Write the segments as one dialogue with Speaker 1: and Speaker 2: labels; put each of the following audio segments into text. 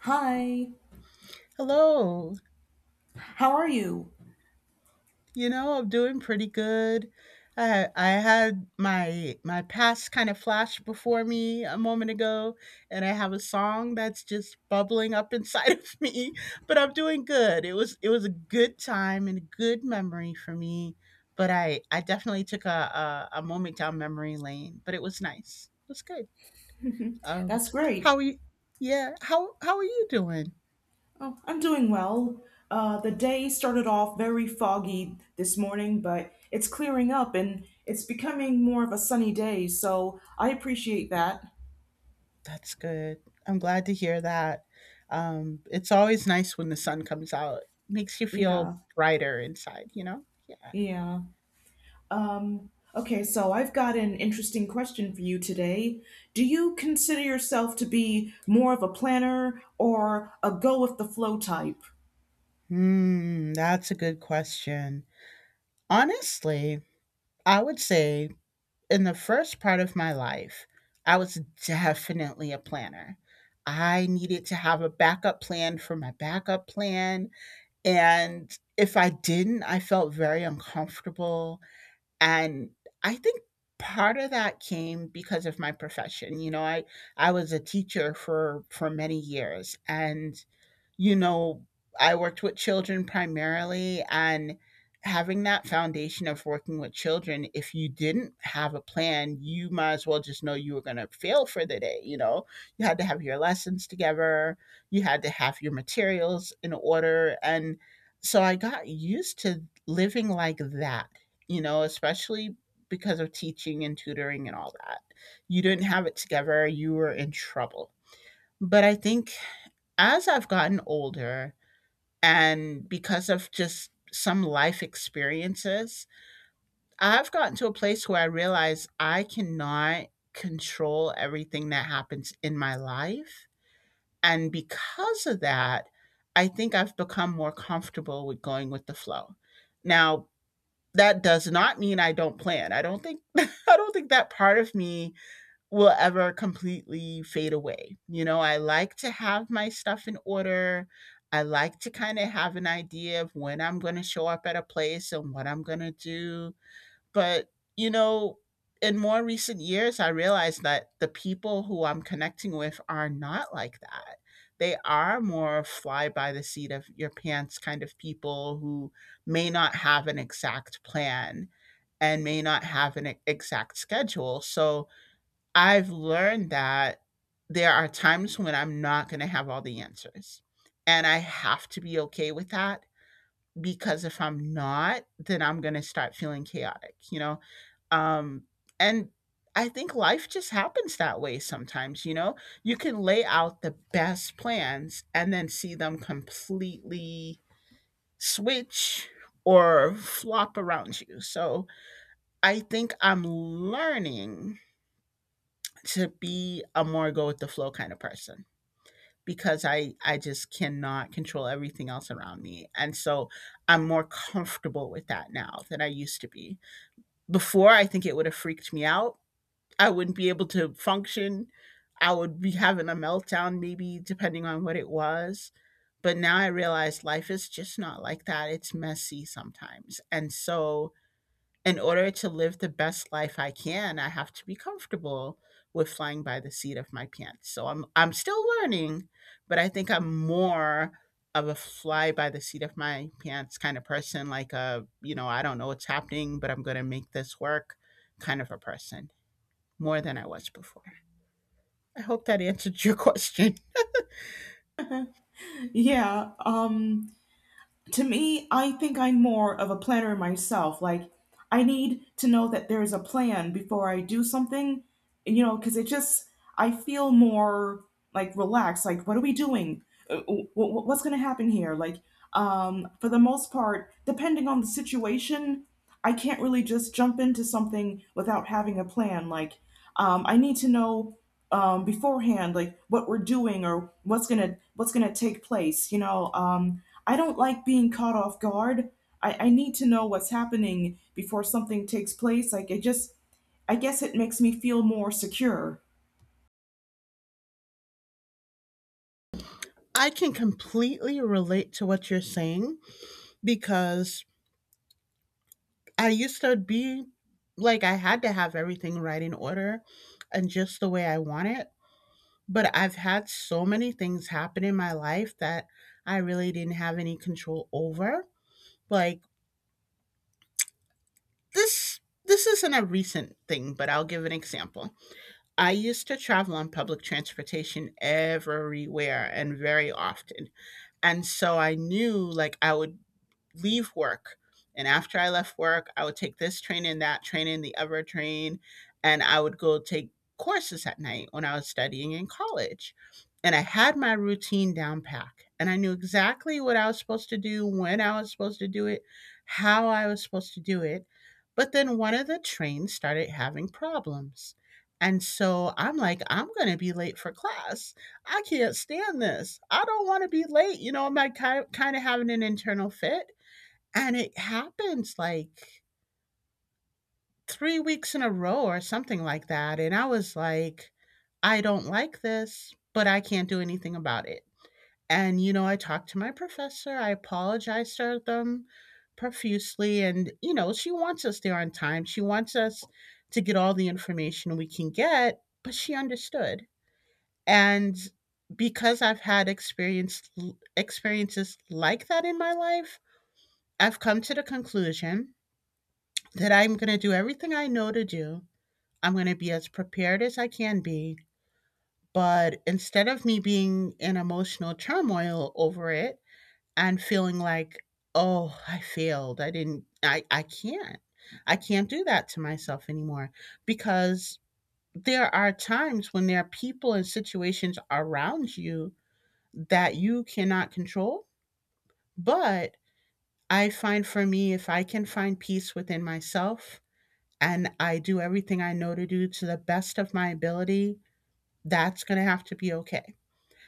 Speaker 1: Hi,
Speaker 2: Hello.
Speaker 1: how are you?
Speaker 2: You know, I'm doing pretty good. I had my past kind of flash before me a moment ago, and I have a song that's just bubbling up inside of me, but I'm doing good. It was a good time and a good memory for me, but I definitely took a moment down memory lane, but it was nice. It was good. Um
Speaker 1: That's great.
Speaker 2: how are you? Yeah, how are you doing?
Speaker 1: Oh, I'm doing well. The day started off very foggy this morning, but it's clearing up and it's becoming more of a sunny day, so I appreciate that.
Speaker 2: That's good. I'm glad to hear that. It's always nice when the sun comes out. Makes you feel
Speaker 1: Yeah,
Speaker 2: brighter inside, you know? Yeah.
Speaker 1: yeah. Um, okay, so I've got an interesting question for you today. Do you consider yourself to be more of a planner or a go with the flow type?
Speaker 2: Hmm, that's a good question. Honestly, I would say in the first part of my life, I was definitely a planner. I needed to have a backup plan for my backup plan. And if I didn't, I felt very uncomfortable. And I think part of that came because of my profession. You know, I was a teacher for many years and you know, I worked with children primarily, and having that foundation of working with children, if you didn't have a plan, you might as well just know you were going to fail for the day. You know, you had to have your lessons together, you had to have your materials in order. And so I got used to living like that, you know, especially because of teaching and tutoring and all that. You didn't have it together, you were in trouble. But I think as I've gotten older, and because of just some life experiences, I've gotten to a place where I realize I cannot control everything that happens in my life. And because of that, I think I've become more comfortable with going with the flow. Now, that does not mean I don't plan. I don't think I don't think that part of me will ever completely fade away. You know, I like to have my stuff in order. I like to kind of have an idea of when I'm going to show up at a place and what I'm going to do. But, you know, in more recent years, I realized that the people who I'm connecting with are not like that. They are more fly by the seat of your pants kind of people who may not have an exact plan and may not have an exact schedule. So, I've learned that there are times when I'm not going to have all the answers. And I have to be okay with that because if I'm not, then I'm going to start feeling chaotic, you know? Um, and I think life just happens that way sometimes, you know? You can lay out the best plans and then see them completely switch or flop around you. So I think I'm learning to be a more go with the flow kind of person because I just cannot control everything else around me. And so I'm more comfortable with that now than I used to be. Before, I think it would have freaked me out. I wouldn't be able to function. I would be having a meltdown maybe depending on what it was. But now I realize life is just not like that. It's messy sometimes. And so in order to live the best life I can, I have to be comfortable with flying by the seat of my pants. So I'm still learning, but I think I'm more of a fly by the seat of my pants kind of person, like a, you know, I don't know what's happening, but I'm going to make this work kind of a person more than I was before. I hope that answered your question.
Speaker 1: Yeah, to me, I think I'm more of a planner myself. Like, I need to know that there is a plan before I do something, you know, because it just, I feel more like relaxed. Like, what are we doing? What's going to happen here? Like, for the most part, depending on the situation, I can't really just jump into something without having a plan. Like, I need to know beforehand, like what we're doing or what's gonna take place. You know, I don't like being caught off guard. I need to know what's happening before something takes place. Like it just, I guess it makes me feel more secure.
Speaker 2: I can completely relate to what you're saying because I used to be like I had to have everything right in order and just the way I want it. But I've had so many things happen in my life that I really didn't have any control over. Like this this isn't a recent thing, but I'll give an example. I used to travel on public transportation everywhere and very often. And so I knew, like, I would leave work. And after I left work, I would take this train and that train and the other train, and I would go take courses at night when I was studying in college. And I had my routine down pack, and I knew exactly what I was supposed to do, when I was supposed to do it, how I was supposed to do it. But then one of the trains started having problems. And so I'm like, I'm going to be late for class. I can't stand this. I don't want to be late. You know, I'm like kind of having an internal fit. And it happens, like, 3 weeks in a row or something like that, and I was like, "I don't like this, but I can't do anything about it." And, you know, I talked to my professor, I apologized to them profusely, and, you know, she wants us there on time, she wants us to get all the information we can get, but she understood. And because I've had experienced experiences like that in my life, I've come to the conclusion that I'm going to do everything I know to do. I'm going to be as prepared as I can be. But instead of me being in emotional turmoil over it and feeling like, oh, I failed, I can't do that to myself anymore. Because there are times when there are people and situations around you that you cannot control. But I find for me, if I can find peace within myself, and I do everything I know to do to the best of my ability, that's going to have to be okay.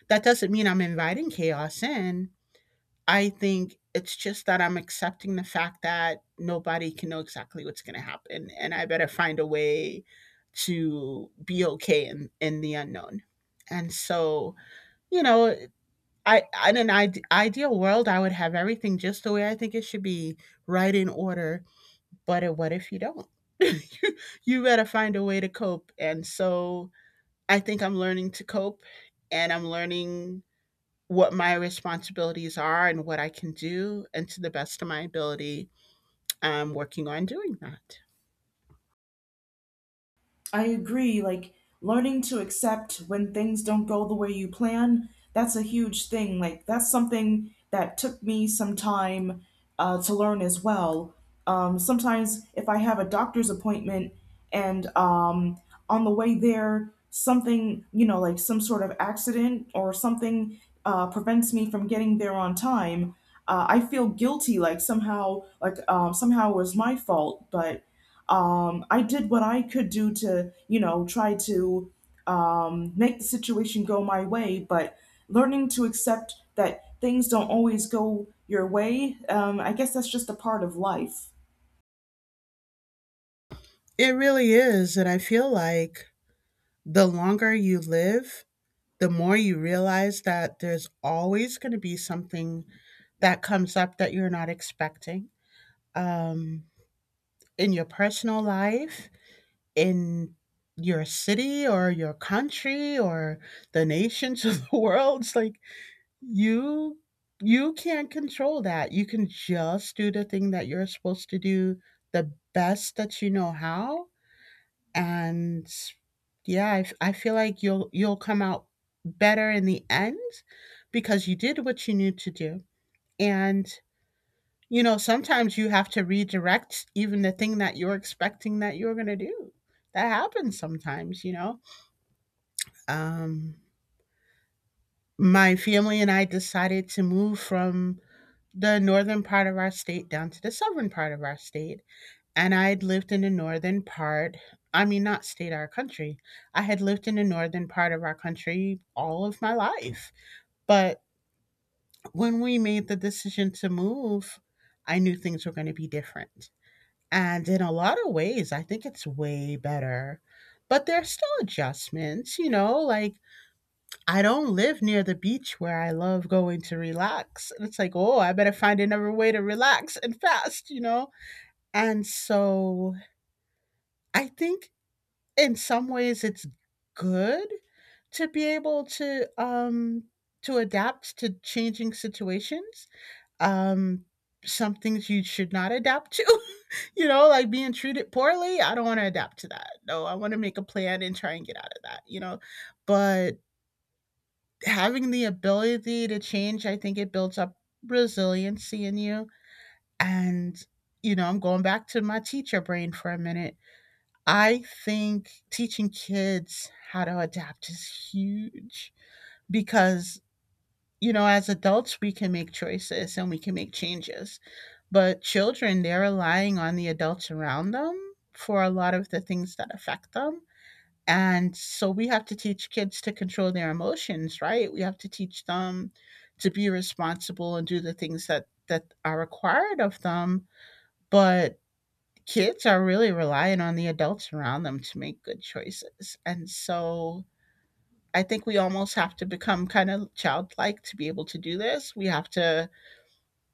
Speaker 2: That doesn't mean I'm inviting chaos in. I think it's just that I'm accepting the fact that nobody can know exactly what's going to happen. And I better find a way to be okay in the unknown. And so, you know, I, in an ideal world, I would have everything just the way I think it should be, right in order, but what if you don't? You better find a way to cope. And so I think I'm learning to cope and I'm learning what my responsibilities are and what I can do. And to the best of my ability, I'm working on doing that.
Speaker 1: I agree. Like learning to accept when things don't go the way you plan, that's a huge thing. Like that's something that took me some time to learn as well. Sometimes if I have a doctor's appointment and on the way there, something, you know, like some sort of accident or something prevents me from getting there on time, I feel guilty, like somehow it was my fault, but I did what I could do to, you know, try to make the situation go my way, but learning to accept that things don't always go your way, I guess that's just a part of life.
Speaker 2: It really is. And I feel like the longer you live, the more you realize that there's always going to be something that comes up that you're not expecting, um, in your personal life, in your city or your country or the nations of the world. It's like you you can't control that. You can just do the thing that you're supposed to do the best that you know how. And yeah, I feel like you'll come out better in the end because you did what you knew to do. And you know, sometimes you have to redirect even the thing that you're expecting that you're going to do. That happens sometimes, you know. Um, my family and I decided to move from the northern part of our state down to the southern part of our state. And I had lived in the northern part, I mean, not state, our country. I had lived in the northern part of our country all of my life. But when we made the decision to move, I knew things were going to be different. And in a lot of ways, I think it's way better. But there's still adjustments, you know, like I don't live near the beach where I love going to relax. And it's like, oh, I better find another way to relax and fast, you know? And so I think in some ways it's good to be able to adapt to changing situations. Um some things you should not adapt to, you know, like being treated poorly. I don't want to adapt to that. No, I want to make a plan and try and get out of that, you know. But having the ability to change, I think it builds up resiliency in you. And, you know, I'm going back to my teacher brain for a minute. I think teaching kids how to adapt is huge because, you know, as adults, we can make choices and we can make changes. But children, they're relying on the adults around them for a lot of the things that affect them. And so we have to teach kids to control their emotions, right? We have to teach them to be responsible and do the things that are required of them, but kids are really relying on the adults around them to make good choices. And so I think we almost have to become kind of childlike to be able to do this. We have to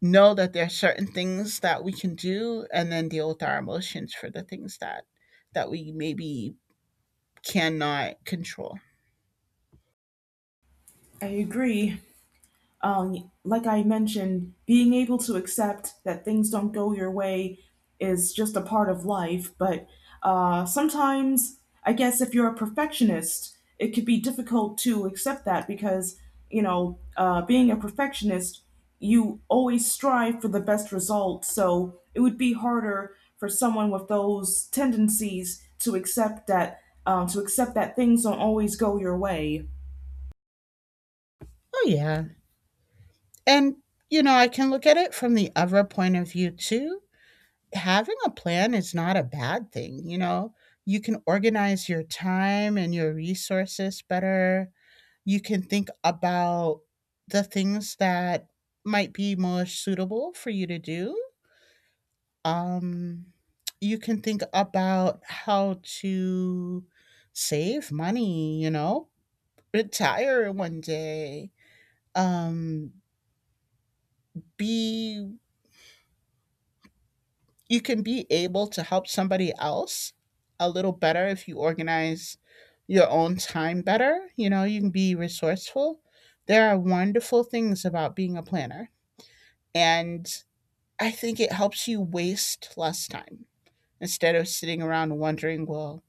Speaker 2: know that there are certain things that we can do and then deal with our emotions for the things that we maybe cannot control.
Speaker 1: I agree. Like I mentioned, being able to accept that things don't go your way is just a part of life. But sometimes, I guess, if you're a perfectionist, it could be difficult to accept that because, you know, being a perfectionist, you always strive for the best result. So it would be harder for someone with those tendencies to accept that things don't always go your way.
Speaker 2: Oh, yeah. And, you know, I can look at it from the other point of view too. Having a plan is not a bad thing, you know? You can organize your time and your resources better. You can think about the things that might be most suitable for you to do. Um, you can think about how to save money, you know, retire one day, um, be you can be able to help somebody else a little better if you organize your own time better. You know, you can be resourceful. There are wonderful things about being a planner. And I think it helps you waste less time instead of sitting around wondering, well,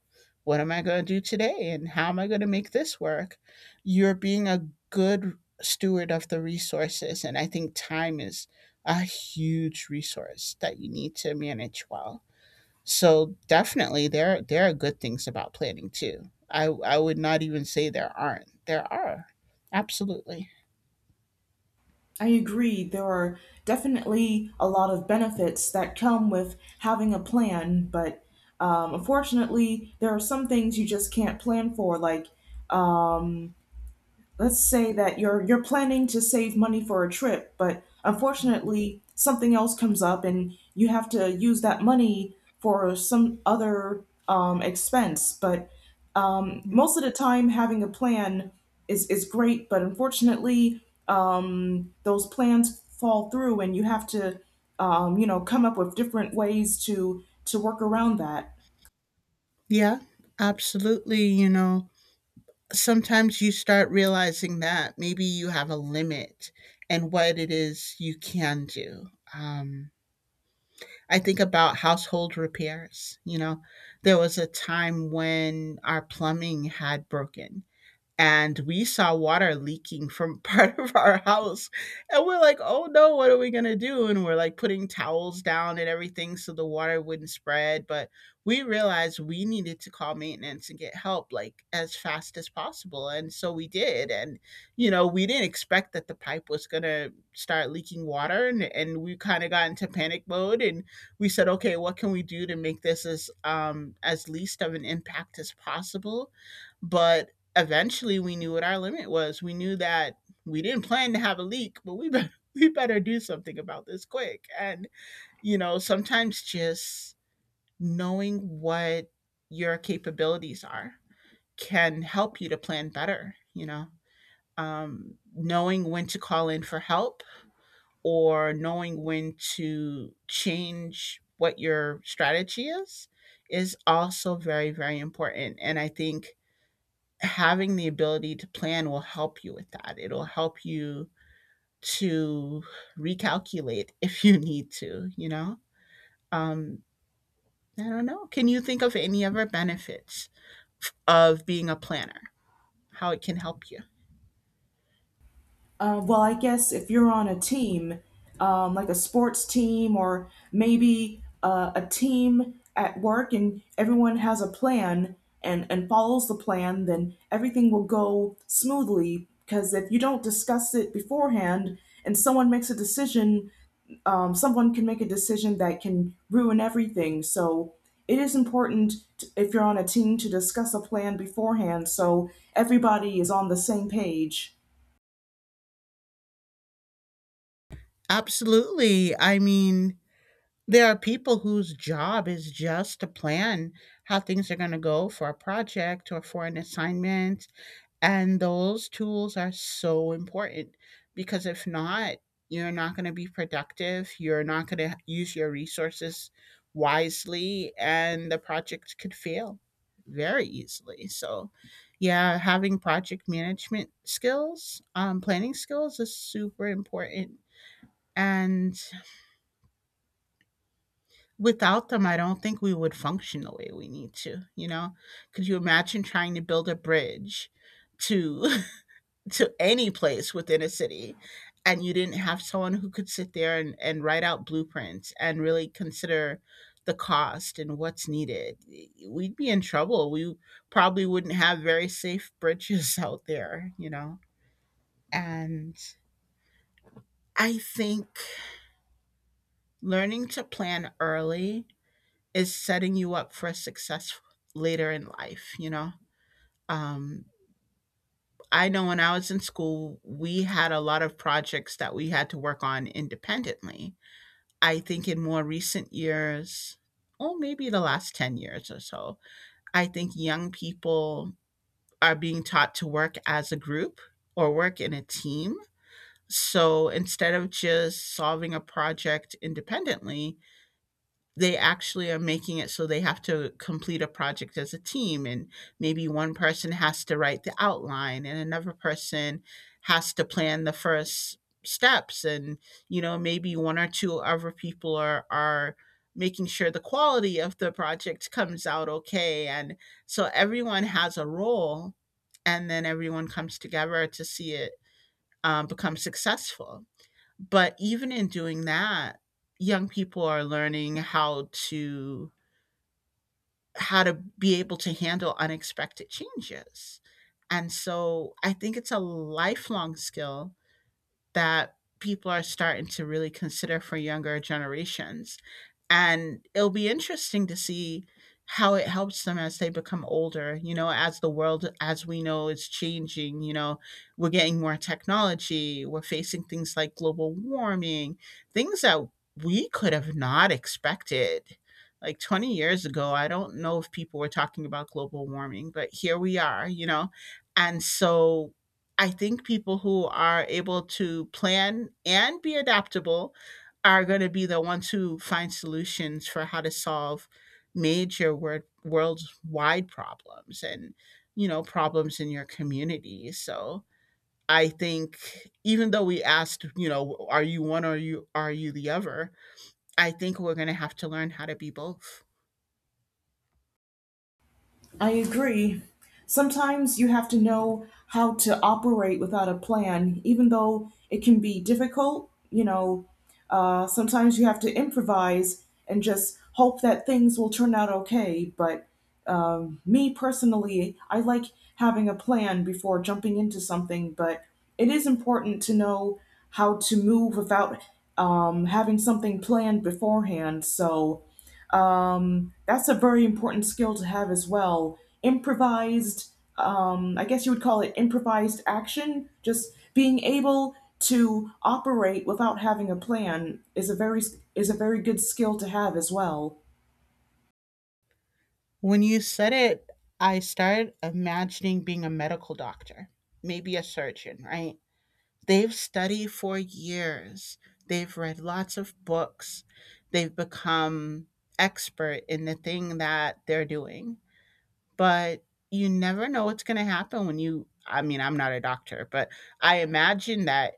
Speaker 2: what am I going to do today? And how am I going to make this work? You're being a good steward of the resources. And I think time is a huge resource that you need to manage well. So definitely there are good things about planning too. I would not even say there aren't. There are. Absolutely.
Speaker 1: I agree. There are definitely a lot of benefits that come with having a plan, but unfortunately, there are some things you just can't plan for, like um, let's say that you're planning to save money for a trip, but unfortunately something else comes up and you have to use that money for some other expense. But
Speaker 2: Yeah.
Speaker 1: most of the time, having a plan is great, but unfortunately, those plans fall through, and you have to you know come up with different ways to work around that.
Speaker 2: Yeah, absolutely. You know, sometimes you start realizing that maybe you have a limit and what it is you can do. Um, I think about household repairs. You know, there was a time when our plumbing had broken and we saw water leaking from part of our house. And we're like, oh no, what are we going to do? And we're like putting towels down and everything so the water wouldn't spread. But we realized we needed to call maintenance and get help like as fast as possible. And so we did. And, you know, we didn't expect that the pipe was going to start leaking water. And we kind of got into panic mode and we said, okay, what can we do to make this as least of an impact as possible? But eventually we knew what our limit was. We knew that we didn't plan to have a leak, but we better do something about this quick. And you know, sometimes just knowing what your capabilities are can help you to plan better, you know. Knowing when to call in for help or knowing when to change what your strategy is also very important, and I think having the ability to plan will help you with that. It'll help you to recalculate if you need to, you know? Um, I don't know. Can you think of any other benefits of being a planner? How it can help you?
Speaker 1: Well, I guess if you're on a team, like a sports team, or maybe a team at work, and everyone has a plan and follows the plan, then everything will go smoothly. Because if you don't discuss it beforehand and someone makes a decision, someone can make a decision that can ruin everything. So it is important to, if you're on a team to discuss a plan beforehand so everybody is on the same page.
Speaker 2: Absolutely. I mean, there are people whose job is just to plan how things are going to go for a project or for an assignment. And those tools are so important because if not, you're not going to be productive. You're not going to use your resources wisely, and the project could fail very easily. So, yeah, having project management skills, planning skills is super important. And without them, I don't think we would function the way we need to. You know, could you imagine trying to build a bridge to any place within a city and you didn't have someone who could sit there and, write out blueprints and really consider the cost and what's needed, we'd be in trouble. We probably wouldn't have very safe bridges out there, you know? And I think learning to plan early is setting you up for success later in life, you know? Um, I know when I was in school, we had a lot of projects that we had to work on independently. I think in more recent years, or maybe the last 10 years or so, I think young people are being taught to work as a group or work in a team. So instead of just solving a project independently, they actually are making it so they have to complete a project as a team, and maybe one person has to write the outline and another person has to plan the first steps, and you know maybe one or two other people are making sure the quality of the project comes out okay, and so everyone has a role and then everyone comes together to see it become successful. But even in doing that, young people are learning how to be able to handle unexpected changes. And so I think it's a lifelong skill that people are starting to really consider for younger generations. And it'll be interesting to see how it helps them as they become older, you know, as the world as we know is changing, you know, we're getting more technology, we're facing things like global warming, things that we could have not expected. Like 20 years ago, I don't know if people were talking about global warming, but here we are, you know. And so I think people who are able to plan and be adaptable are going to be the ones who find solutions for how to solve worldwide problems and you know problems in your community. So I think even though we asked, you know, are you one or you the other, I think we're going to have to learn how to be both.
Speaker 1: I agree. Sometimes you have to know how to operate without a plan, even though it can be difficult. You know, sometimes you have to improvise and just hope that things will turn out okay. But me personally, I like having a plan before jumping into something, but it is important to know how to move without having something planned beforehand. So, that's a very important skill to have as well. Improvised, I guess you would call it improvised action, just being able to operate without having a plan is a very good skill to have as well.
Speaker 2: When you said it, I started imagining being a medical doctor, maybe a surgeon, right? They've studied for years. They've read lots of books. They've become expert in the thing that they're doing, but you never know what's going to happen when you I mean I'm not a doctor, but I imagine that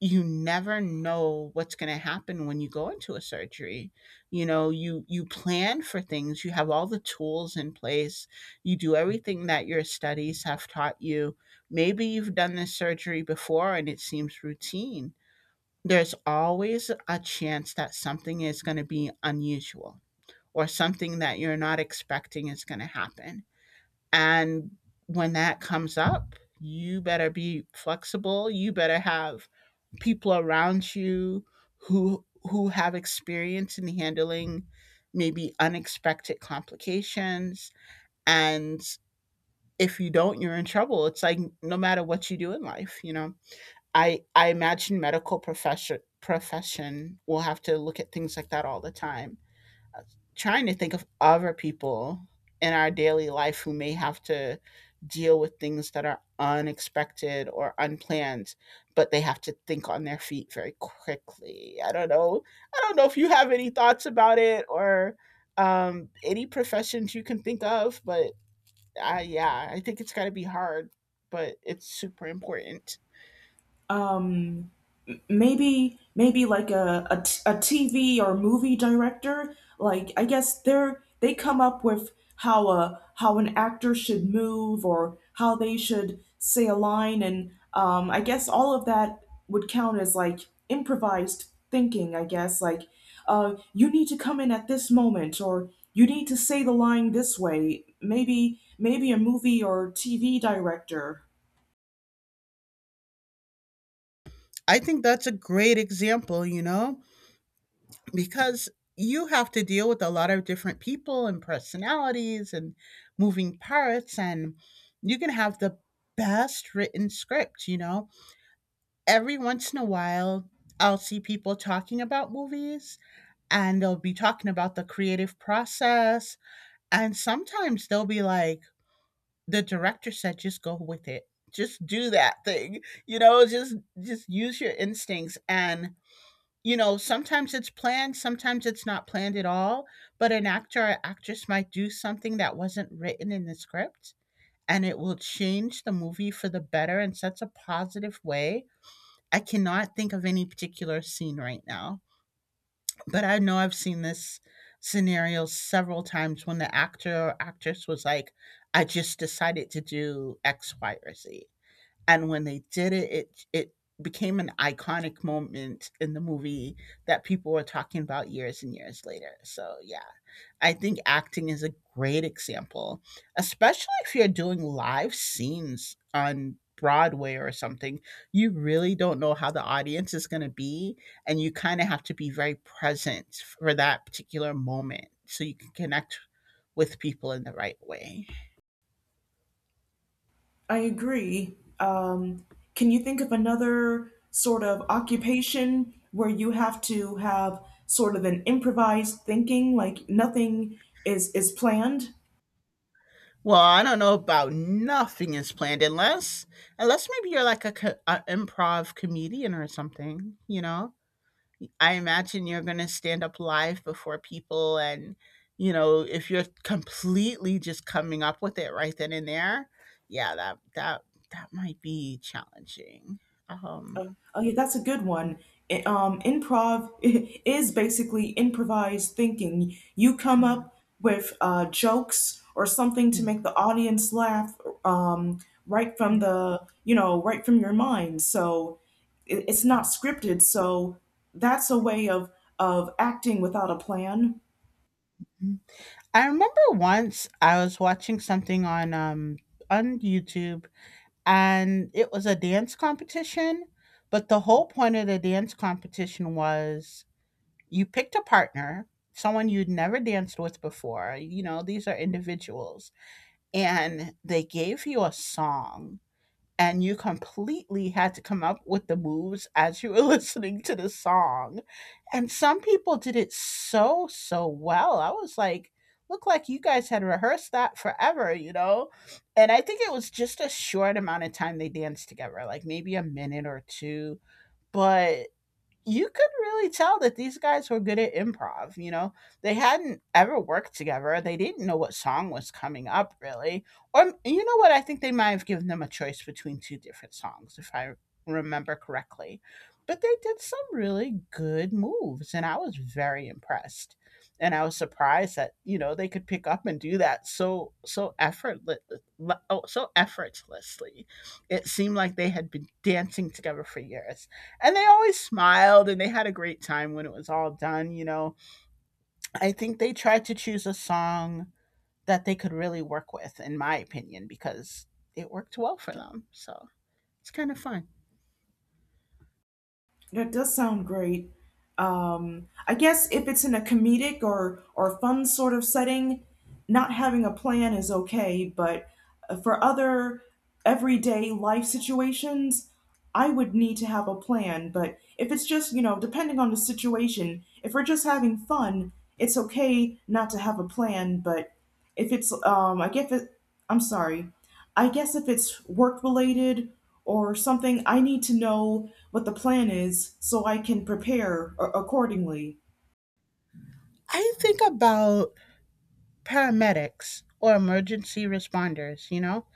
Speaker 2: you never know what's going to happen when you go into a surgery. You know, you plan for things, you have all the tools in place, you do everything that your studies have taught you, maybe you've done this surgery before and it seems routine. There's always a chance that something is going to be unusual or something that you're not expecting is going to happen. And when that comes up, you better be flexible. You better have people around you who have experience in handling maybe unexpected complications. And if you don't, you're in trouble. It's like no matter what you do in life, you know. I imagine medical profession will have to look at things like that all the time, trying to think of other people in our daily life who may have to deal with things that are unexpected or unplanned, but they have to think on their feet very quickly. I don't know, if you have any thoughts about it, or any professions you can think of, but yeah, I think it's got to be hard, but it's super important.
Speaker 1: Maybe like a TV or movie director. Like I guess they come up with how a how an actor should move or how they should say a line, and I guess all of that would count as like improvised thinking. I guess like you need to come in at this moment or you need to say the line this way. Maybe a movie or TV director.
Speaker 2: I think that's a great example, you know, because you have to deal with a lot of different people and personalities and moving parts, and you can have the best written script, you know. Every once in a while I'll see people talking about movies, and they'll be talking about the creative process, and sometimes they'll be like, the director said, just go with it, just do that thing, you know, just use your instincts. And you know, sometimes it's planned, sometimes it's not planned at all, but an actor or actress might do something that wasn't written in the script, and it will change the movie for the better in such a positive way. I cannot think of any particular scene right now, but I know I've seen this scenario several times when the actor or actress was like, I just decided to do X, Y, or Z, and when they did it became an iconic moment in the movie that people were talking about years and years later. So yeah, I think acting is a great example, especially if you're doing live scenes on Broadway or something. You really don't know how the audience is going to be, and you kind of have to be very present for that particular moment so you can connect with people in the right way.
Speaker 1: I agree. Can you think of another sort of occupation where you have to have sort of an improvised thinking, like nothing is planned?
Speaker 2: Well, I don't know about nothing is planned, unless maybe you're like a improv comedian or something, you know? I imagine you're going to stand up live before people and, you know, if you're completely just coming up with it right then and there, yeah, that might be challenging. Um
Speaker 1: Oh, yeah, that's a good one. Improv is basically improvised thinking. You come
Speaker 2: yeah.
Speaker 1: up with jokes or something to make the audience laugh um, right from the, you know, right from your mind. So it's not scripted. So that's a way of acting without a plan.
Speaker 2: Yeah. I remember once I was watching something on YouTube, and it was a dance competition. But the whole point of the dance competition was you picked a partner, someone you'd never danced with before. You know, these are individuals, and they gave you a song and you completely had to come up with the moves as you were listening to the song. And some people did it so, so well. I was like, look like you guys had rehearsed that forever, you know? And I think it was just a short amount of time they danced together, like maybe a minute or two. But you could really tell that these guys were good at improv. You know, they hadn't ever worked together. They didn't know what song was coming up, really. Or, you know what? I think they might have given them a choice between two different songs, if I remember correctly. But they did some really good moves, and I was very impressed. And I was surprised that you know they could pick up and do that so effortlessly. It seemed like they had been dancing together for years and they always smiled and they had a great time when it was all done, you know. I think they tried to choose a song that they could really work with, in my opinion, because it worked well for them. So it's kind of fun.
Speaker 1: That does sound great. I guess if it's in a comedic or fun sort of setting, not having a plan is okay. But for other everyday life situations, I would need to have a plan. But if it's just you know depending on the situation, if we're just having fun, it's okay not to have a plan. But if it's I'm sorry. I guess if it's work related or something, I need to know what the plan is so I can prepare accordingly.
Speaker 2: I think about paramedics or emergency responders, you know?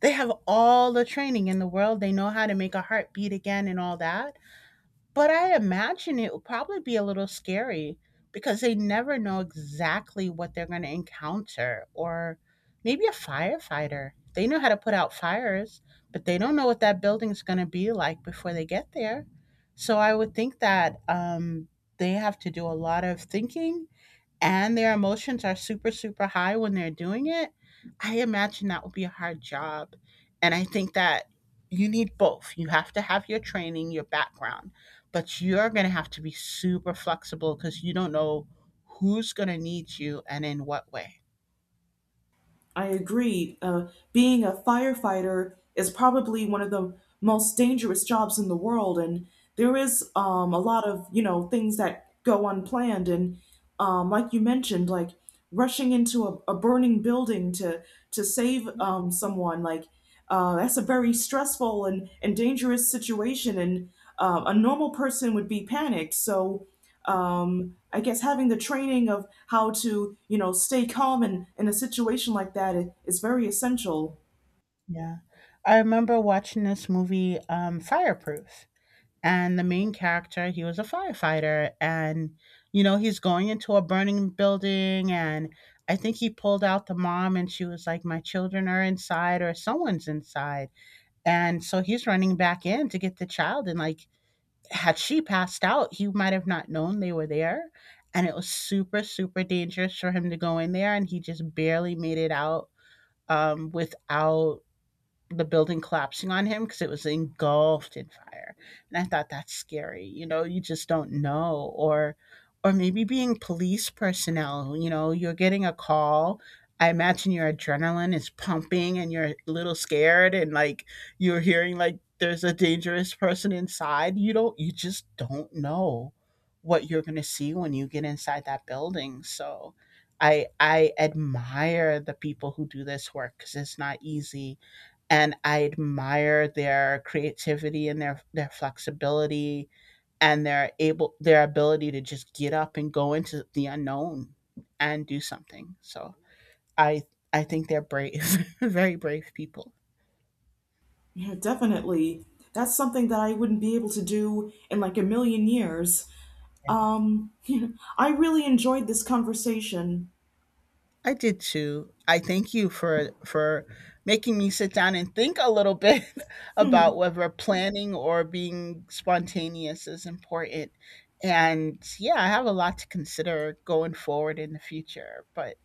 Speaker 2: They have all the training in the world. They know how to make a heart beat again and all that. But I imagine it will probably be a little scary because they never know exactly what they're going to encounter. Or maybe a firefighter. They know how to put out fires, but they don't know what that building's going to be like before they get there. So I would think that they have to do a lot of thinking and their emotions are super, super high when they're doing it, I imagine that would be a hard job. And I think that you need both. You have to have your training, your background, but you're going to have to be super flexible because you don't know who's going to need you and in what way.
Speaker 1: I agree. Being a firefighter is probably one of the most dangerous jobs in the world, and there is a lot of you know things that go unplanned. And like you mentioned, like rushing into a burning building to save someone, like that's a very stressful and dangerous situation, and a normal person would be panicked. So I guess having the training of how to, you know, stay calm in a situation like that is very essential.
Speaker 2: Yeah. I remember watching this movie, Fireproof, and the main character he was a firefighter and you know he's going into a burning building and I think he pulled out the mom and she was like, my children are inside, or someone's inside, and so he's running back in to get the child, and like had she passed out he might have not known they were there. And it was super, super dangerous for him to go in there, and he just barely made it out without the building collapsing on him because it was engulfed in fire. And I thought that's scary. You know, you just don't know. Or maybe being police personnel, you know, you're getting a call. I imagine your adrenaline is pumping and you're a little scared and like you're hearing like there's a dangerous person inside. You just don't know what you're going to see when you get inside that building. So I admire the people who do this work cuz it's not easy, and I admire their creativity and their flexibility and their ability to just get up and go into the unknown and do something. So I I think they're brave, very brave people.
Speaker 1: Yeah, definitely. That's something that I wouldn't be able to do in like a million years.
Speaker 2: Yeah.
Speaker 1: Um, I really enjoyed this conversation.
Speaker 2: I did too. I thank you for making me sit down and think a little bit about whether planning or being spontaneous is important. And yeah, I have a lot to consider going forward in the future, but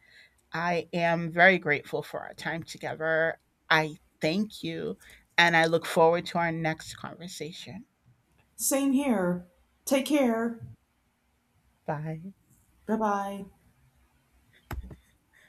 Speaker 2: I am very grateful for our time together. I thank you, and I look forward to our next conversation.
Speaker 1: Same here. Take care.
Speaker 2: Bye.
Speaker 1: Bye bye.